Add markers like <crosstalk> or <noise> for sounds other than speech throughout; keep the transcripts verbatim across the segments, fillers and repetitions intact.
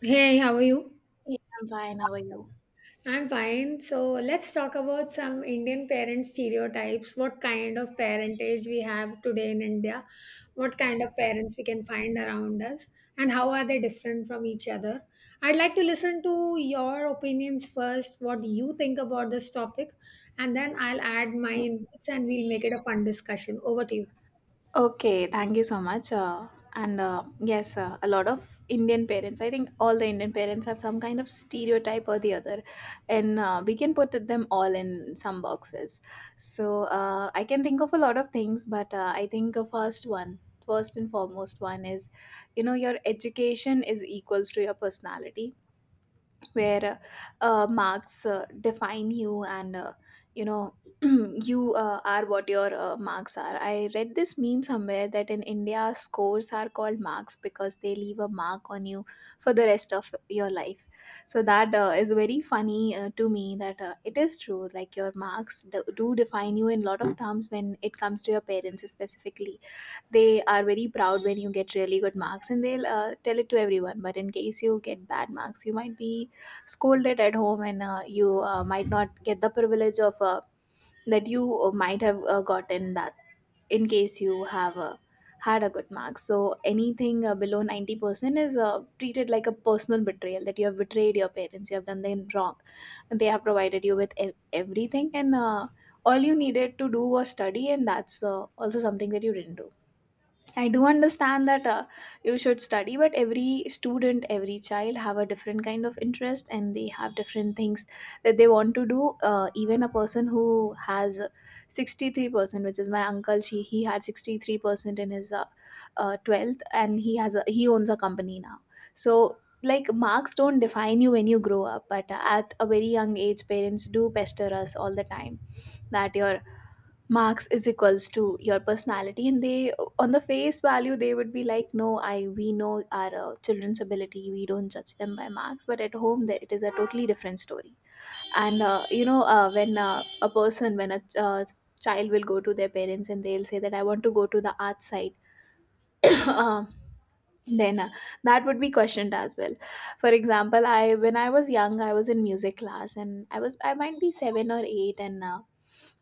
Hey, how are you? Yeah, I'm fine. How are you? I'm fine. So let's talk about some Indian parent stereotypes. What kind of parentage we have today in India? What kind of parents we can find around us? And how are they different from each other? I'd like to listen to your opinions first, what you think about this topic, and then I'll add my inputs and we'll make it a fun discussion. Over to you. Okay, thank you so much. Uh, and uh, yes, uh, a lot of Indian parents, I think all the Indian parents have some kind of stereotype or the other, and uh, we can put them all in some boxes. So uh, I can think of a lot of things, but uh, I think a first one, first and foremost one is, you know, your education is equals to your personality. Where uh, uh, Marks uh, define you, and uh, you know <clears throat> you uh, are what your uh, marks are. I read this meme somewhere that in India, scores are called marks because they leave a mark on you for the rest of your life. So that uh, is very funny uh, to me, that uh, it is true. Like your marks do, do define you in lot of terms when it comes to your parents specifically. They are very proud when you get really good marks, and they'll uh, tell it to everyone, but in case you get bad marks, you might be scolded at home, and uh, you uh, might not get the privilege of uh, that you uh, might have uh, gotten that in case you have uh, had a good mark. So anything uh, below ninety percent is uh, treated like a personal betrayal, that you have betrayed your parents, you have done them wrong, and they have provided you with ev- everything, and uh, all you needed to do was study, and that's uh, also something that you didn't do. I do understand that uh, you should study, but every student, every child have a different kind of interest and they have different things that they want to do. Uh, even a person who has sixty-three percent, which is my uncle, she, he had sixty-three percent in his uh, uh, twelfth, and he has a, he owns a company now. So like marks don't define you when you grow up, but at a very young age, parents do pester us all the time that your marks is equals to your personality, and they on the face value they would be like, no, I we know our uh, children's ability, we don't judge them by marks, but at home there, it is a totally different story. And uh, you know uh, when uh, a person when a ch- uh, child will go to their parents and they'll say that I want to go to the art side, <laughs> <clears throat> um, then uh, that would be questioned as well. For example, I when I was young, I was in music class, and i was I might be seven or eight, and uh,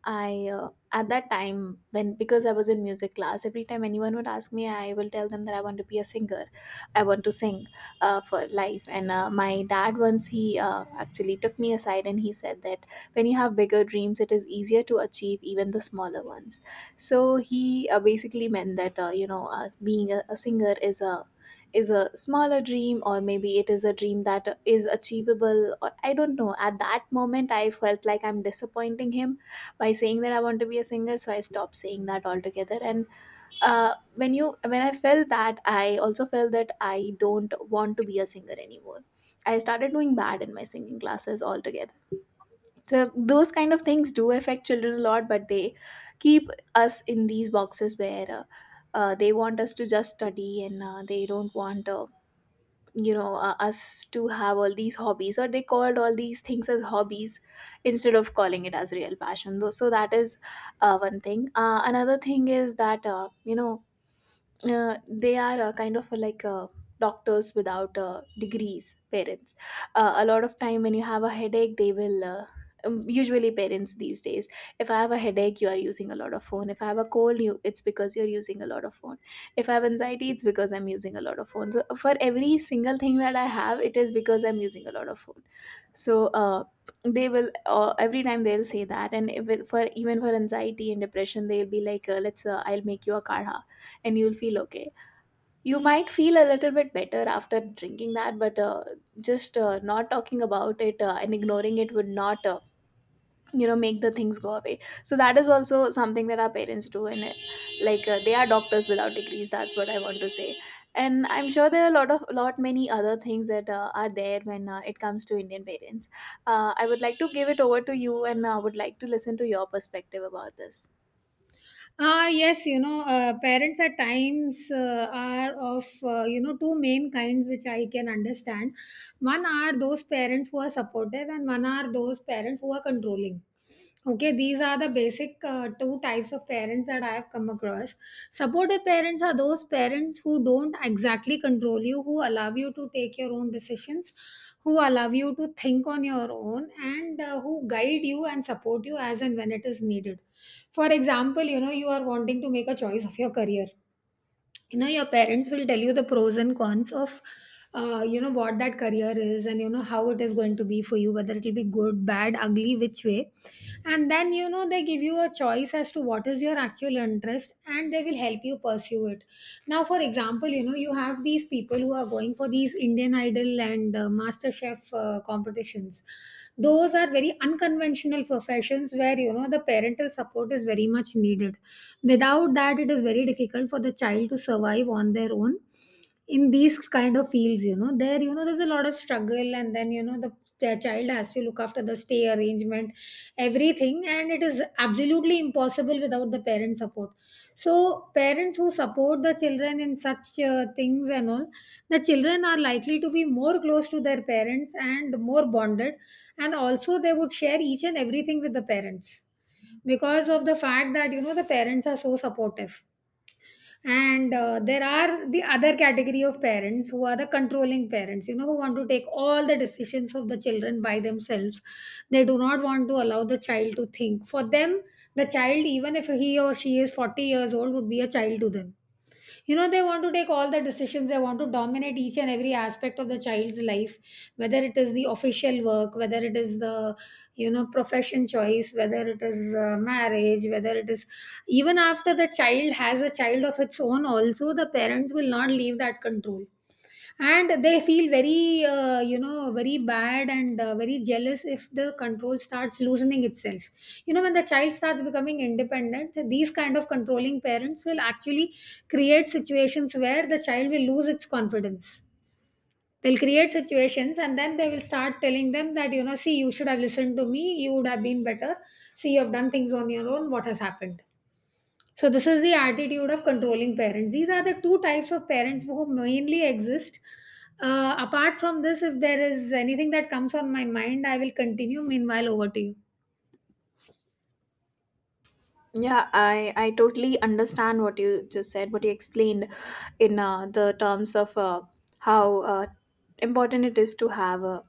I uh, at that time, when, because I was in music class, every time anyone would ask me, I will tell them that I want to be a singer. I want to sing uh, for life. And uh, my dad once, he uh, actually took me aside and he said that when you have bigger dreams, it is easier to achieve even the smaller ones. So he uh, basically meant that uh, you know us being a, a singer is a is a smaller dream, or maybe it is a dream that is achievable, or I don't know. At that moment, I felt like I'm disappointing him by saying that I want to be a singer, so I stopped saying that altogether. And uh, when you when I felt that, I also felt that I don't want to be a singer anymore. I started doing bad in my singing classes altogether. So those kind of things do affect children a lot, but they keep us in these boxes where uh, uh, they want us to just study, and uh, they don't want uh, you know uh, us to have all these hobbies, or they called all these things as hobbies instead of calling it as real passion though. So that is uh, one thing. Uh, another thing is that uh, you know uh, they are uh, kind of uh, like uh, doctors without uh, degrees parents. Uh, a lot of time, when you have a headache, they will uh, um, usually parents these days, if I have a headache, you are using a lot of phone. If I have a cold, you it's because you're using a lot of phone. If I have anxiety, it's because I'm using a lot of phone. So for every single thing that I have, it is because I'm using a lot of phone. So uh, they will uh, every time they'll say that. And if it, for even for anxiety and depression, they'll be like, uh, let's uh, I'll make you a kaha and you'll feel okay. You might feel a little bit better after drinking that, but uh, just uh, not talking about it uh, and ignoring it would not, uh, you know, make the things go away. So that is also something that our parents do, and uh, like uh, they are doctors without degrees. That's what I want to say. And I'm sure there are a lot of lot many other things that uh, are there when uh, it comes to Indian parents. Uh, I would like to give it over to you, and I would like to listen to your perspective about this. Ah, yes, you know, uh, parents at times uh, are of, uh, you know, two main kinds which I can understand. One are those parents who are supportive, and one are those parents who are controlling. Okay, these are the basic uh, two types of parents that I have come across. Supportive parents are those parents who don't exactly control you, who allow you to take your own decisions, who allow you to think on your own, and uh, who guide you and support you as and when it is needed. For example, you know, you are wanting to make a choice of your career. You know, your parents will tell you the pros and cons of uh, you know, what that career is, and you know how it is going to be for you, whether it will be good, bad, ugly, which way. And then, you know, they give you a choice as to what is your actual interest, and they will help you pursue it. Now for example, you know, you have these people who are going for these Indian Idol and uh, Master Chef uh, competitions. Those are very unconventional professions where, you know, the parental support is very much needed. Without that, it is very difficult for the child to survive on their own. In these kind of fields, you know, there, you know, there's a lot of struggle, and then, you know, the their child has to look after the stay arrangement, everything, and it is absolutely impossible without the parent support. So parents who support the children in such uh, things and all, the children are likely to be more close to their parents and more bonded, and also they would share each and everything with the parents because of the fact that, you know, the parents are so supportive. And uh, there are the other category of parents who are the controlling parents, you know, who want to take all the decisions of the children by themselves. They do not want to allow the child to think for them. The child, even if he or she is forty years old, would be a child to them. You know, they want to take all the decisions, they want to dominate each and every aspect of the child's life, whether it is the official work, whether it is the, you know, profession choice, whether it is uh, marriage, whether it is even after the child has a child of its own also, the parents will not leave that control. And they feel very uh, you know, very bad and uh, very jealous if the control starts loosening itself. You know, when the child starts becoming independent, these kind of controlling parents will actually create situations where the child will lose its confidence. They'll create situations, and then they will start telling them that, you know, see, you should have listened to me, you would have been better. See, you have done things on your own, what has happened. So this is the attitude of controlling parents. These are the two types of parents who mainly exist. Uh, apart from this, if there is anything that comes on my mind, I will continue. Meanwhile, over to you. Yeah, I, I totally understand what you just said, what you explained in uh, the terms of uh, how uh, important it is to have a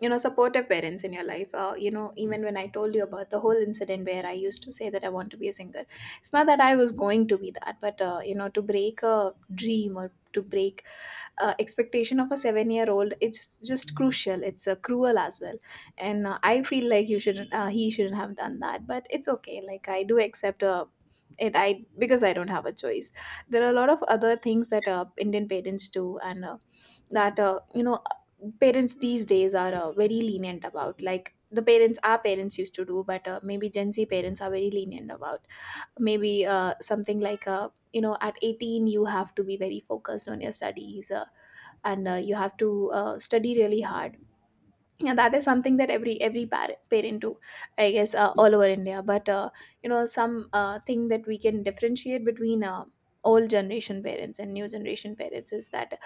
you know supportive parents in your life. Uh, you know even when I told you about the whole incident where I used to say that I want to be a singer, it's not that I was going to be that, but uh, you know to break a dream or to break uh, expectation of a seven year old, it's just crucial, it's uh, cruel as well. And uh, I feel like you shouldn't uh, he shouldn't have done that, but it's okay. Like I do accept uh, it, I because I don't have a choice. There are a lot of other things that uh, Indian parents do, and uh, that uh, you know parents these days are uh, very lenient. About like the parents our parents used to do, but uh, maybe gen Z parents are very lenient about maybe uh, something like, uh, you know at eighteen you have to be very focused on your studies, uh, and uh, you have to uh, study really hard. And that is something that every every par- parent do, I guess, uh, all over India. But uh, you know some uh, thing that we can differentiate between uh, old generation parents and new generation parents is that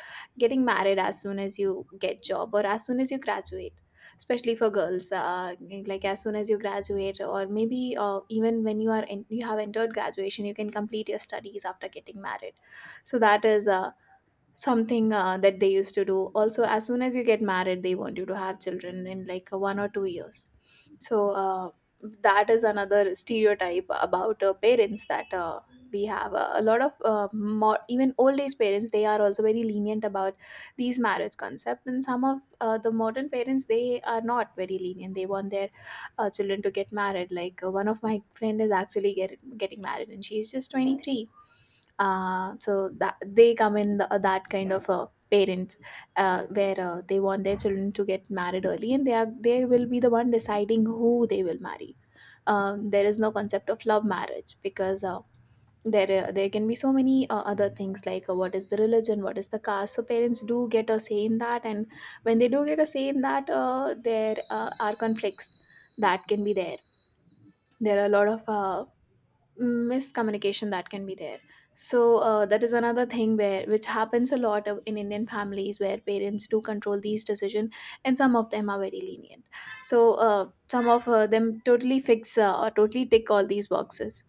getting married as soon as you get job, or as soon as you graduate, especially for girls. Uh, like as soon as you graduate, or maybe uh, even when you are in, you have entered graduation, you can complete your studies after getting married. So that is uh, something uh, that they used to do. Also, as soon as you get married, they want you to have children in like uh, one or two years. So uh, that is another stereotype about uh, parents, that uh, we have uh, a lot of uh, more, even old age parents, they are also very lenient about these marriage concept. And some of uh, the modern parents, they are not very lenient, they want their uh, children to get married. Like uh, one of my friend is actually get, getting married and she's just twenty-three. Uh, so that they come in the, uh, that kind of uh, parents uh, where uh, they want their children to get married early, and they are they will be the one deciding who they will marry. Um, there is no concept of love marriage, because uh, there uh, there can be so many uh, other things, like uh, what is the religion, what is the caste. So parents do get a say in that, and when they do get a say in that, uh, there uh, are conflicts that can be there. There are a lot of uh, miscommunication that can be there. So uh, that is another thing where which happens a lot of, in Indian families, where parents do control these decisions, and some of them are very lenient. So uh, some of uh, them totally fix uh, or totally tick all these boxes.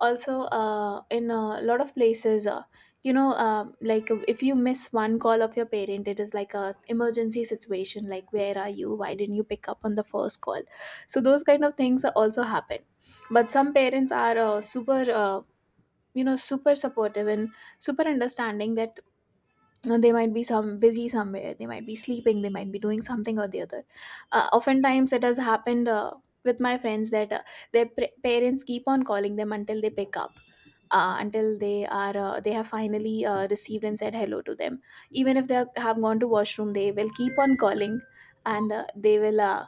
Also uh, in a lot of places, uh, you know uh, like if you miss one call of your parent, it is like a emergency situation, like where are you, why didn't you pick up on the first call. So those kind of things also happen. But some parents are uh, super uh, you know super supportive, and super understanding, that uh, they might be some busy somewhere, they might be sleeping, they might be doing something or the other. Uh, oftentimes it has happened uh, with My friends, that uh, their pr- parents keep on calling them until they pick up, uh, until they are uh, they have finally uh, received and said hello to them, even if they are, have gone to washroom. They will keep on calling, and uh, they will uh,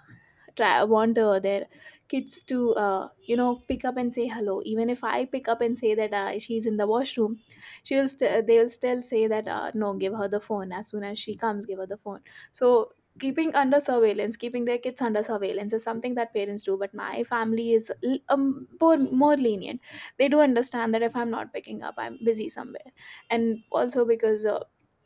try want uh, their kids to uh, you know pick up and say hello. Even if I pick up and say that uh, she's in the washroom, she will st- they will still say that uh, no, give her the phone as soon as she comes, give her the phone. So keeping under surveillance, keeping their kids under surveillance is something that parents do, but my family is l- um, more, more lenient. They do understand that if I'm not picking up, I'm busy somewhere. And also because uh,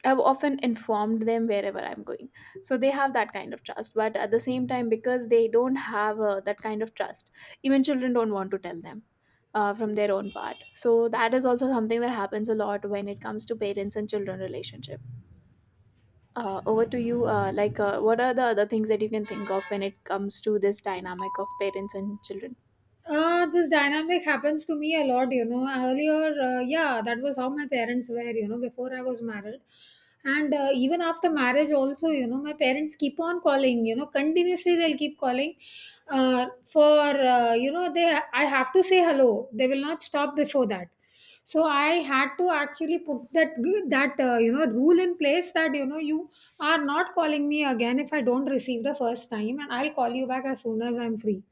I've often informed them wherever I'm going. So they have that kind of trust. But at the same time, because they don't have uh, that kind of trust, even children don't want to tell them uh, from their own part. So that is also something that happens a lot when it comes to parents and children relationship. Uh, over to you. Uh, like, uh, what are the other things that you can think of when it comes to this dynamic of parents and children? Uh, this dynamic happens to me a lot, you know. Earlier, uh, yeah, that was how my parents were, you know, before I was married. And uh, even after marriage also, you know, my parents keep on calling, you know, continuously they'll keep calling. Uh, for, uh, you know, they I have to say hello. They will not stop before that. So I had to actually put that that uh, you know, rule in place, that you know, you are not calling me again if I don't receive the first time, and I'll call you back as soon as I'm free.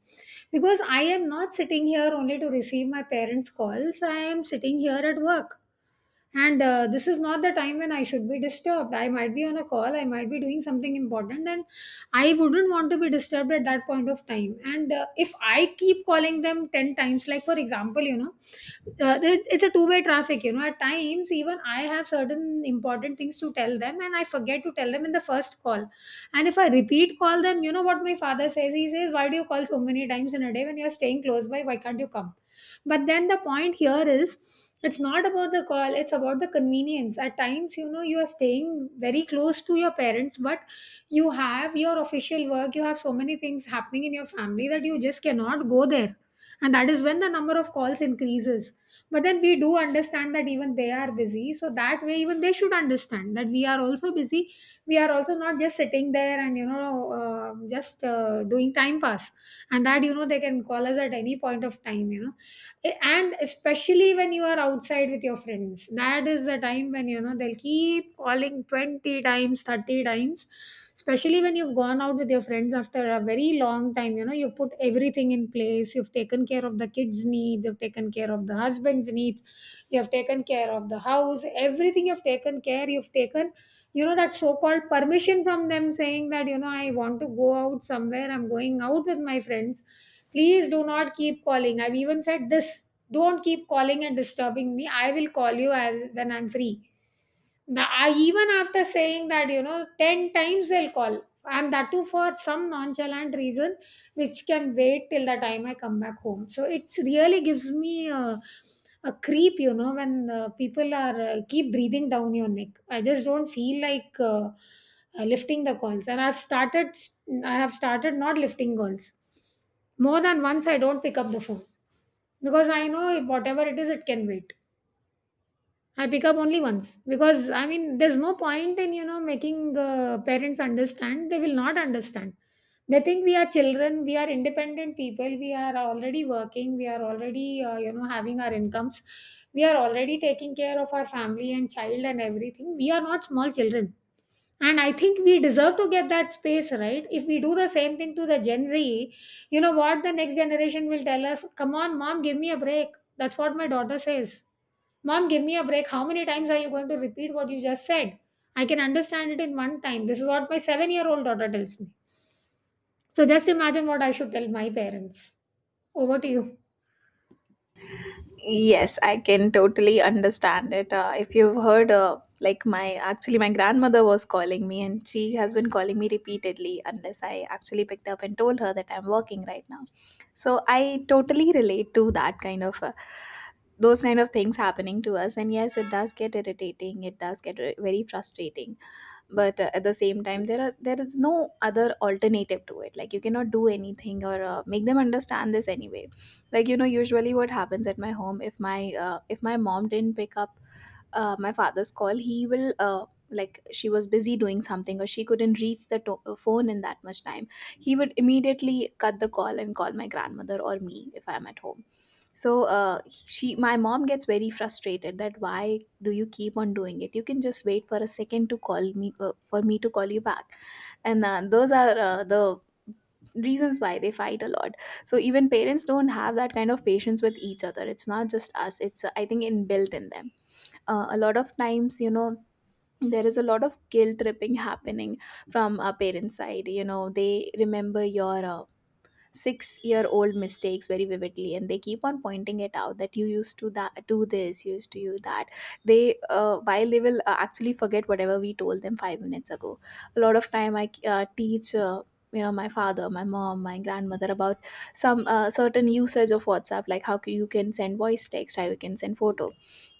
Because I am not sitting here only to receive my parents' calls, I am sitting here at work. And uh, this is not the time when I should be disturbed. I might be on a call, I might be doing something important, and I wouldn't want to be disturbed at that point of time. And uh, if I keep calling them ten times, like for example, you know, uh, it's it's a two way traffic, you know. At times, even I have certain important things to tell them, and I forget to tell them in the first call. And if I repeat call them, you know what my father says, he says, why do you call so many times in a day when you're staying close by, why can't you come? But then the point here is, it's not about the call, it's about the convenience. At times, you know, you are staying very close to your parents, but you have your official work, you have so many things happening in your family that you just cannot go there. And that is when the number of calls increases. But then we do understand that even they are busy. So that way, even they should understand that we are also busy. We are also not just sitting there and, you know, uh, just uh, doing time pass. And that, you know, they can call us at any point of time, you know. Eh, and especially when you are outside with your friends, that is the time when you know, they'll keep calling twenty times, thirty times, especially when you've gone out with your friends after a very long time. You know, you put everything in place, you've taken care of the kids' needs, you've taken care of the husband's needs, you have taken care of the house, everything you've taken care, you've taken, you know, that so called permission from them, saying that, you know, I want to go out somewhere, I'm going out with my friends, please do not keep calling. I've even said this, don't keep calling and disturbing me, I will call you as when I'm free. The, I, even after saying that, you know, ten times they'll call, and that too for some nonchalant reason, which can wait till the time I come back home. So it's really gives me a, a creep, you know, when uh, people are uh, keep breathing down your neck. I just don't feel like uh, uh, lifting the calls, and I've started, I have started not lifting calls. More than once, I don't pick up the phone because I know whatever it is, it can wait. I pick up only once because, I mean, there's no point in, you know, making uh, parents understand. They will not understand. They think we are children. We are independent people. We are already working. We are already uh, you know, having our incomes. We are already taking care of our family and child and everything. We are not small children. And I think we deserve to get that space, right? If we do the same thing to the Gen Z, you know what the next generation will tell us? Come on, Mom, give me a break. That's what my daughter says. Mom, give me a break. How many times are you going to repeat what you just said? I can understand it in one time. This is what my seven year old daughter tells me. So just imagine what I should tell my parents. Over to you. Yes, I can totally understand it. Uh, if you've heard, uh, like my actually my grandmother was calling me, and she has been calling me repeatedly unless I actually picked up and told her that I'm working right now. So I totally relate to that kind of uh, those kind of things happening to us. And yes, it does get irritating. It does get re- very frustrating, but uh, at the same time there are there is no other alternative to it. Like you cannot do anything or uh, make them understand this anyway. Like, you know, usually what happens at my home, if my uh, if my mom didn't pick up uh, my father's call, he will uh, like she was busy doing something or she couldn't reach the to- uh, phone in that much time, he would immediately cut the call and call my grandmother or me if I'm at home. So uh, she, my mom gets very frustrated that why do you keep on doing it? You can just wait for a second to call me, uh, for me to call you back. And uh, those are uh, the reasons why they fight a lot. So even parents don't have that kind of patience with each other. It's not just us, it's uh, I think inbuilt in them. Uh, a lot of times, you know, there is a lot of guilt tripping happening from our parents side. You know, they remember your uh, six year old mistakes very vividly and they keep on pointing it out that you used to that do this, you used to do that. They uh, while they will uh, actually forget whatever we told them five minutes ago. A lot of time I uh, teach uh, you know, my father, my mom, my grandmother about some uh, certain usage of WhatsApp, like how c- you can send voice text, how you can send photo.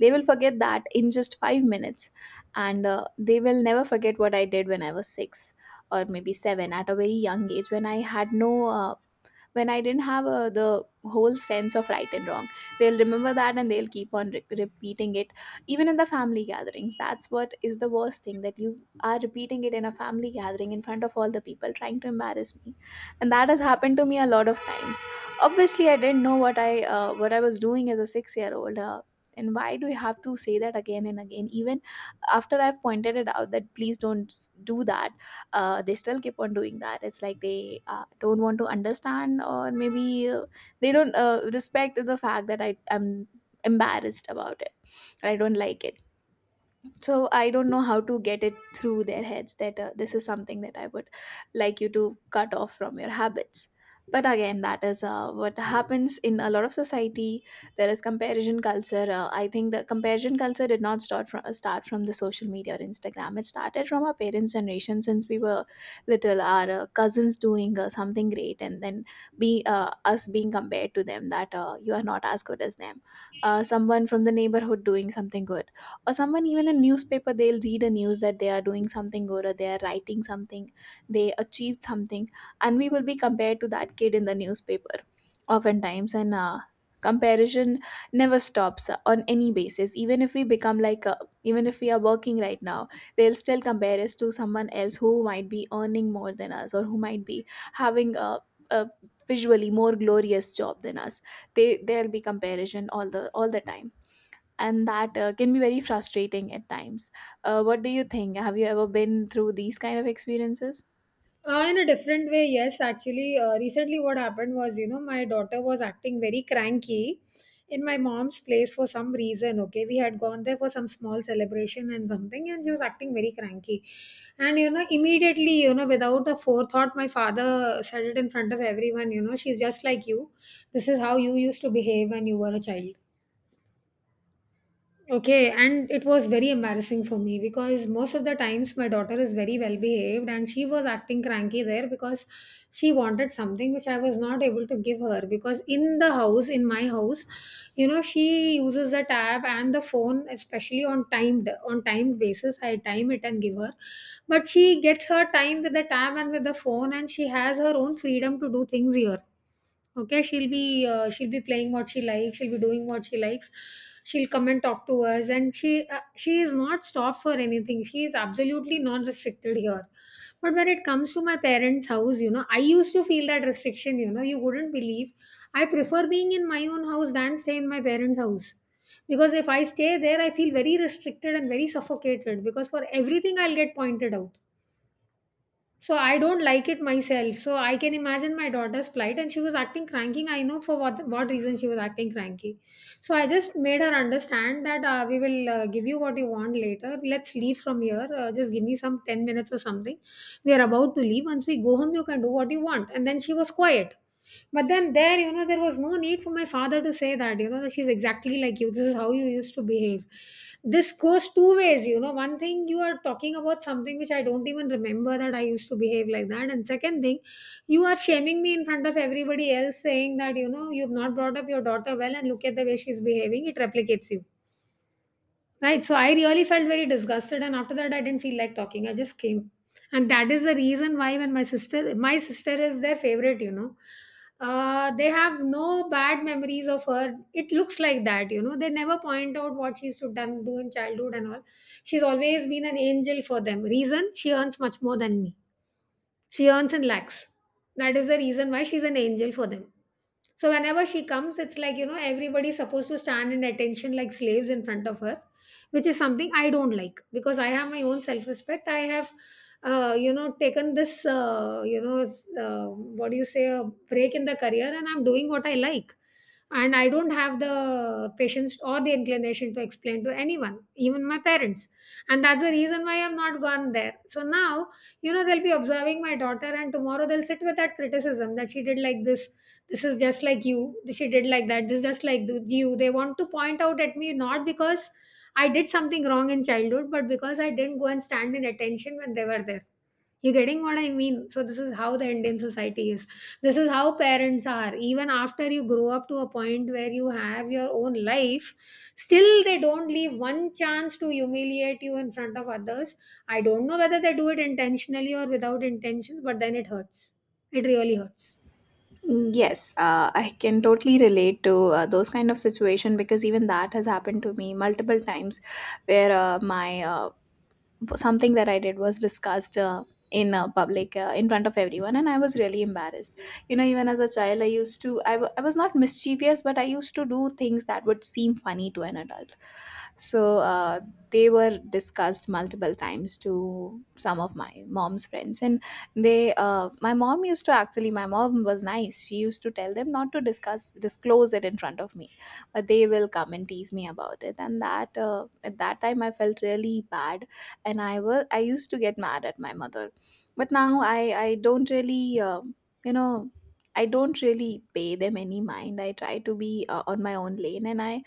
They will forget that in just five minutes. And uh, they will never forget what I did when I was six, or maybe seven, at a very young age when I had no uh, when I didn't have uh, the whole sense of right and wrong. They'll remember that and they'll keep on re- repeating it, even in the family gatherings. That's what is the worst thing, that you are repeating it in a family gathering in front of all the people, trying to embarrass me, and that has happened to me a lot of times. Obviously, I didn't know what I, uh, what I was doing as a six year old. Uh, and why do we have to say that again and again, even after I've pointed it out that please don't s- do that? Uh, they still keep on doing that. It's like they uh, don't want to understand, or maybe uh, they don't uh, respect the fact that I am embarrassed about it, I don't like it. So I don't know how to get it through their heads that uh, this is something that I would like you to cut off from your habits. But again, that is uh, what happens in a lot of society. There is comparison culture. uh, I think the comparison culture did not start from start from the social media or Instagram. It started from our parents generation. Since we were little, our uh, cousins doing uh, something great, and then be uh, us being compared to them, that uh, you are not as good as them. Uh, someone from the neighborhood doing something good, or someone, even a newspaper, they'll read a news that they are doing something good or they are writing something, they achieved something, and we will be compared to that kid in the newspaper oftentimes. And uh, Comparison never stops uh, on any basis. Even if we become like uh, even if we are working right now, they'll still compare us to someone else who might be earning more than us, or who might be having a, a visually more glorious job than us. They There'll be comparison all the all the time. And that uh, can be very frustrating at times. Uh, what do you think? Have you ever been through these kind of experiences? Uh, in a different way, yes. Actually, uh, recently what happened was, you know, my daughter was acting very cranky in my mom's place for some reason. Okay, we had gone there for some small celebration and something, and she was acting very cranky. And, you know, immediately, you know, without a forethought, my father said it in front of everyone, you know, she's just like you. This is how you used to behave when you were a child. Okay, and it was very embarrassing for me because most of the times my daughter is very well behaved, and she was acting cranky there because she wanted something which I was not able to give her because in the house, in my house, you know, she uses the tab and the phone especially on timed on timed basis. I time it and give her. But she gets her time with the tab and with the phone and she has her own freedom to do things here. Okay, she'll be uh, she'll be playing what she likes, she'll be doing what she likes, she'll come and talk to us, and she uh, she is not stopped for anything. She is absolutely not restricted here. But when it comes to my parents house, you know, I used to feel that restriction. You know, you wouldn't believe, I prefer being in my own house than stay in my parents house, because if I stay there I feel very restricted and very suffocated, because for everything I'll get pointed out. So I don't like it myself. So I can imagine my daughter's plight, and she was acting cranky. I know for what what reason she was acting cranky. So I just made her understand that uh, we will uh, give you what you want later. Let's leave from here. Uh, just give me some ten minutes or something. We are about to leave. Once we go home, you can do what you want. And then she was quiet. But then there, you know, there was no need for my father to say that, you know, that she's exactly like you. This is how you used to behave. This goes two ways, you know. One thing, you are talking about something which I don't even remember that I used to behave like that. And second thing, you are shaming me in front of everybody else, saying that, you know, you've not brought up your daughter well and look at the way she's behaving. It replicates you. Right. So I really felt very disgusted, and after that, I didn't feel like talking. I just came, and that is the reason why when my sister, my sister is their favorite. You know, uh, they have no bad memories of her. It looks like that. You know, they never point out what she used to done do in childhood and all. She's always been an angel for them. Reason she earns much more than me. She earns in lakhs. That is the reason why she's an angel for them. So whenever she comes, it's like, you know, everybody's supposed to stand in attention like slaves in front of her, which is something I don't like because I have my own self respect. I have, uh, you know, taken this, uh, you know, s- uh, what do you say, a break in the career, and I'm doing what I like, and I don't have the patience or the inclination to explain to anyone, even my parents. And that's the reason why I've not gone there. So now, you know, they'll be observing my daughter, and tomorrow they'll sit with that criticism that she did like this this is just like you, she did like that, this is just like th- you. They want to point out at me, not because I did something wrong in childhood, but because I didn't go and stand in attention when they were there. You're getting what I mean? So, this is how the Indian society is. This is how parents are. Even after you grow up to a point where you have your own life, still they don't leave one chance to humiliate you in front of others. I don't know whether they do it intentionally or without intentions, but then it hurts. It really hurts. Mm, yes, uh, I can totally relate to uh, those kind of situation, because even that has happened to me multiple times, where uh, my uh, something that I did was discussed uh, in uh, public, uh, in front of everyone, and I was really embarrassed. You know, even as a child, I used to I, w- I was not mischievous, but I used to do things that would seem funny to an adult. So uh, they were discussed multiple times to some of my mom's friends, and they uh, my mom used to, actually my mom was nice. She used to tell them not to discuss disclose it in front of me, but they will come and tease me about it, and that uh, at that time I felt really bad, and i was I used to get mad at my mother. But now i i don't really uh, you know I don't really pay them any mind. I try to be uh, on my own lane, and i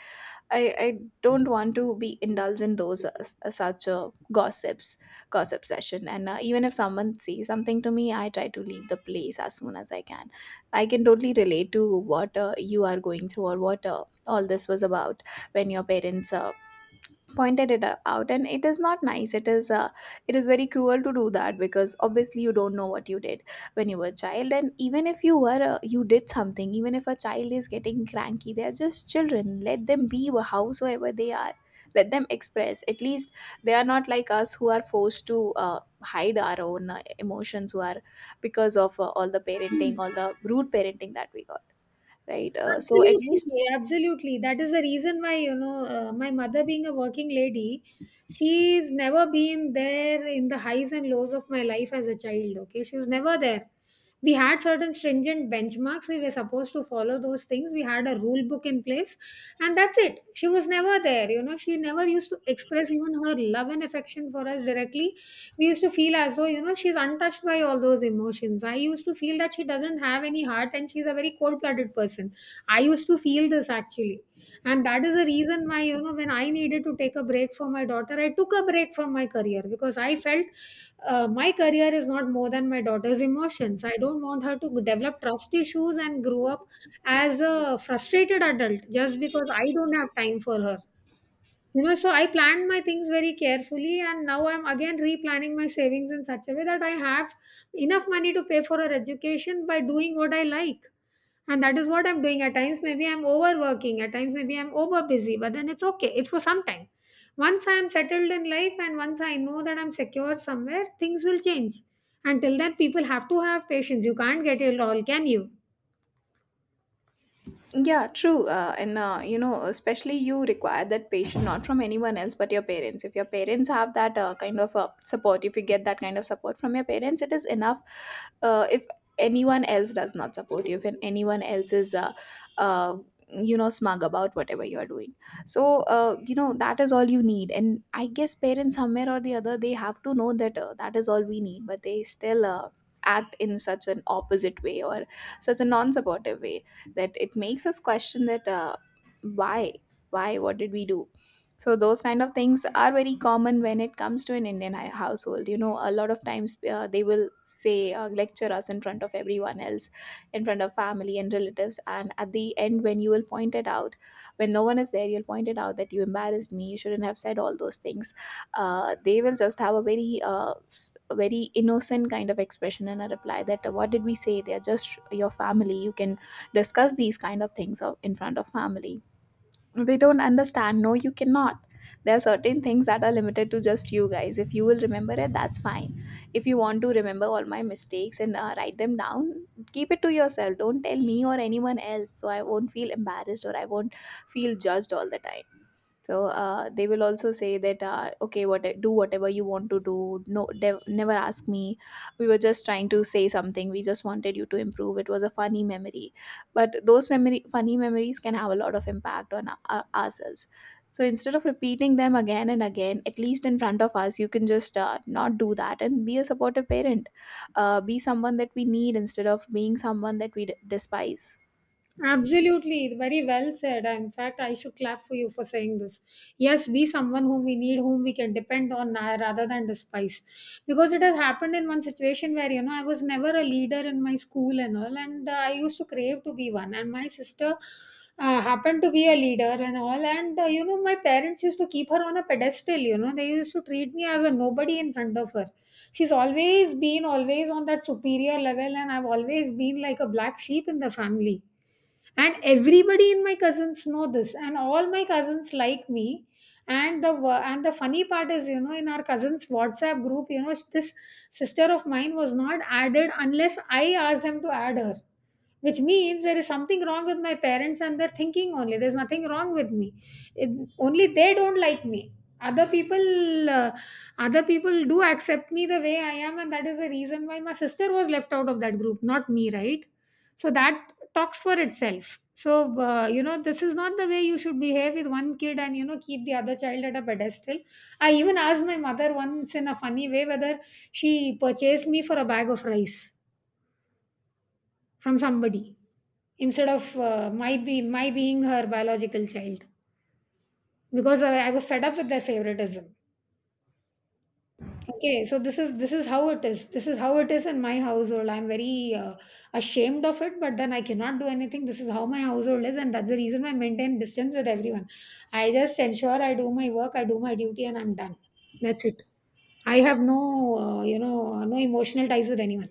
i, I don't want to be indulged in those uh, s- uh, such uh, gossips gossip session. And uh, even if someone says something to me, I try to leave the place as soon as I can. I can totally relate to what uh, you are going through, or what uh, all this was about, when your parents uh, pointed it o- out. And it is not nice. It is uh, it is very cruel to do that, because obviously you don't know what you did when you were a child. And even if you were uh, you did something, even if a child is getting cranky, they are just children. Let them be, wh- howsoever they are. Let them express at least. They are not like us, who are forced to uh, hide our own uh, emotions, who are, because of uh, all the parenting Hmm. all the rude parenting that we got, right? Uh, so at least, Absolutely, absolutely. That is the reason why, you know, uh, my mother being a working lady, she's never been there in the highs and lows of my life as a child. Okay, she was never there. We had certain stringent benchmarks. We were supposed to follow those things. We had a rule book in place, and that's it. She was never there. You know, she never used to express even her love and affection for us directly. We used to feel as though, you know, she's untouched by all those emotions. I used to feel that she doesn't have any heart and she's a very cold blooded person. I used to feel this actually. And that is the reason why, you know, when I needed to take a break for my daughter, I took a break from my career, because I felt uh, my career is not more than my daughter's emotions. I don't want her to develop trust issues and grow up as a frustrated adult just because I don't have time for her. You know, so I planned my things very carefully, and now I'm again replanning my savings in such a way that I have enough money to pay for her education by doing what I like. And that is what I'm doing. At times maybe I'm overworking, at times maybe I'm over busy, but then it's okay, it's for some time. Once I am settled in life and once I know that I'm secure somewhere, things will change. Until then people have to have patience. You can't get it all, can you? yeah, true. Uh, and uh, you know, especially you require that patience not from anyone else but your parents. If your parents have that uh, kind of uh, support, if you get that kind of support from your parents, it is enough. Uh, if anyone else does not support you, if an- anyone else is, uh, uh, you know, smug about whatever you are doing, so uh, you know, that is all you need. And I guess parents, somewhere or the other, they have to know that uh, that is all we need, but they still uh, act in such an opposite way, or such a non-supportive way, that it makes us question that, uh, why why, what did we do? So those kind of things are very common when it comes to an Indian hi- household. You know, a lot of times uh, they will say uh, lecture us in front of everyone else, in front of family and relatives. And at the end, when you will point it out, when no one is there, you'll point it out that you embarrassed me, you shouldn't have said all those things. Uh, they will just have a very uh, s- a very innocent kind of expression and a reply that, uh, what did we say? They're just your family, you can discuss these kind of things out in front of family. They don't understand, no, you cannot. There are certain things that are limited to just you guys. If you will remember it, that's fine. If you want to remember all my mistakes, and uh, write them down, keep it to yourself, don't tell me or anyone else, so I won't feel embarrassed, or I won't feel judged all the time. So uh, they will also say that, uh, okay, what do whatever you want to do, no dev- never ask me. We were just trying to say something, we just wanted you to improve, it was a funny memory. But those memory funny memories can have a lot of impact on our, ourselves. So instead of repeating them again and again, at least in front of us, you can just uh, not do that and be a supportive parent. Uh, be someone that we need, instead of being someone that we d- despise. Absolutely, very well said. In fact, I should clap for you for saying this. Yes, be someone whom we need, whom we can depend on, uh, rather than despise. Because it has happened in one situation where, you know, I was never a leader in my school and all, and uh, I used to crave to be one. And my sister uh, happened to be a leader and all, and, uh, you know, my parents used to keep her on a pedestal, you know, they used to treat me as a nobody in front of her. She's always been always on that superior level, and I've always been like a black sheep in the family. And everybody in my cousins know this, and all my cousins like me. And the wo- and the funny part is, you know, in our cousins WhatsApp group, you know, this sister of mine was not added unless I asked them to add her. Which means there is something wrong with my parents and their thinking only. There's nothing wrong with me. It, only they don't like me. Other people, uh, Other people do accept me the way I am, and that is the reason why my sister was left out of that group, not me, right? So that talks for itself. So uh, you know, this is not the way you should behave with one kid, and you know, keep the other child at a pedestal. I even asked my mother once in a funny way whether she purchased me for a bag of rice from somebody instead of uh, my be my being her biological child, because I, I was fed up with their favoritism. Okay, so this is this is how it is, this is how it is in my household. I'm very uh, ashamed of it, but then I cannot do anything. This is how my household is, and that's the reason I maintain distance with everyone. I just ensure I do my work, I do my duty, and I'm done. That's it. I have no uh, you know, no emotional ties with anyone.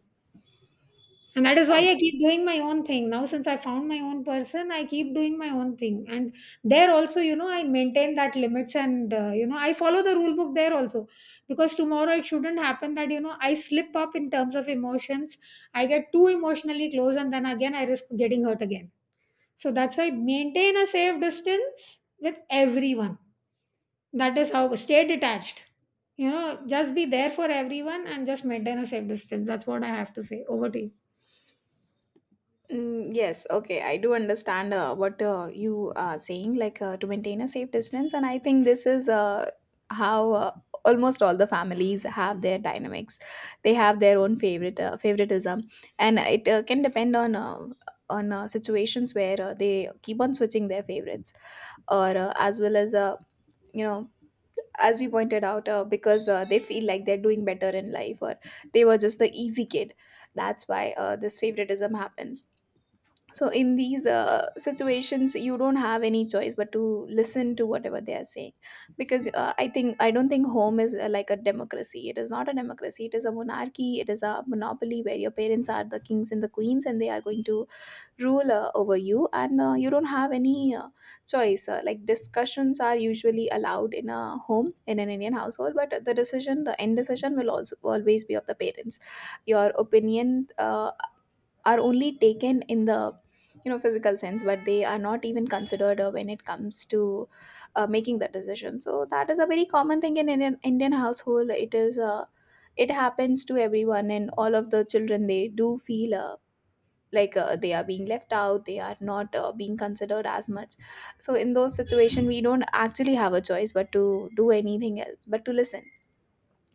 And that is why I keep doing my own thing. Now, since I found my own person, I keep doing my own thing. And there also, you know, I maintain that limits, and, uh, you know, I follow the rule book there also. Because tomorrow it shouldn't happen that, you know, I slip up in terms of emotions. I get too emotionally close and then again I risk getting hurt again. So that's why maintain a safe distance with everyone. That is how stay detached. You know, just be there for everyone and just maintain a safe distance. That's what I have to say. Over to you. Mm, yes, okay, I do understand uh, what uh, you are saying, like uh, to maintain a safe distance. And I think this is uh, how uh, almost all the families have their dynamics. They have their own favorite uh, favoritism, and it uh, can depend on uh, on uh, situations where uh, they keep on switching their favorites, or uh, as well as uh, you know. As we pointed out, uh, because uh, they feel like they're doing better in life, or they were just the easy kid. That's why uh, this favoritism happens. So in these uh, situations, you don't have any choice but to listen to whatever they are saying, because uh, i think i don't think home is uh, like a democracy. It is not a democracy, it is a monarchy, it is a monopoly, where your parents are the kings and the queens, and they are going to rule uh, over you, and uh, you don't have any uh, choice. Uh, like discussions are usually allowed in a home, in an Indian household, but the decision, the end decision will also always be of the parents. Your opinion uh, are only taken in the, you know, physical sense, but they are not even considered uh, when it comes to uh, making that decision. So that is a very common thing in Indian, Indian household. It is uh, it happens to everyone, and all of the children, they do feel uh, like uh, they are being left out, they are not uh, being considered as much. So in those situations, we don't actually have a choice but to do anything else but to listen.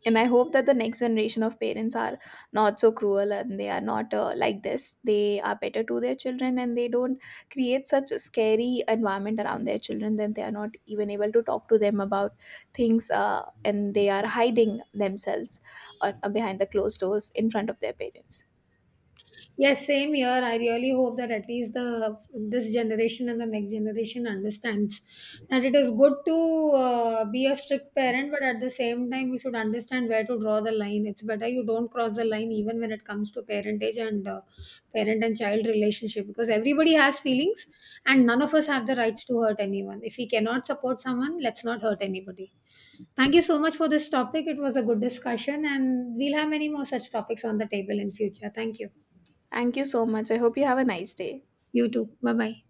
And I hope that the next generation of parents are not so cruel, and they are not uh, like this, they are better to their children, and they don't create such a scary environment around their children that they are not even able to talk to them about things, uh, and they are hiding themselves uh, behind the closed doors in front of their parents. Yes, same here. I really hope that at least the this generation and the next generation understands that it is good to uh, be a strict parent, but at the same time, you should understand where to draw the line. It's better you don't cross the line even when it comes to parentage and uh, parent and child relationship, because everybody has feelings, and none of us have the rights to hurt anyone. If we cannot support someone, let's not hurt anybody. Thank you so much for this topic. It was a good discussion, and we'll have many more such topics on the table in future. Thank you. Thank you so much, I hope you have a nice day. You too. Bye bye.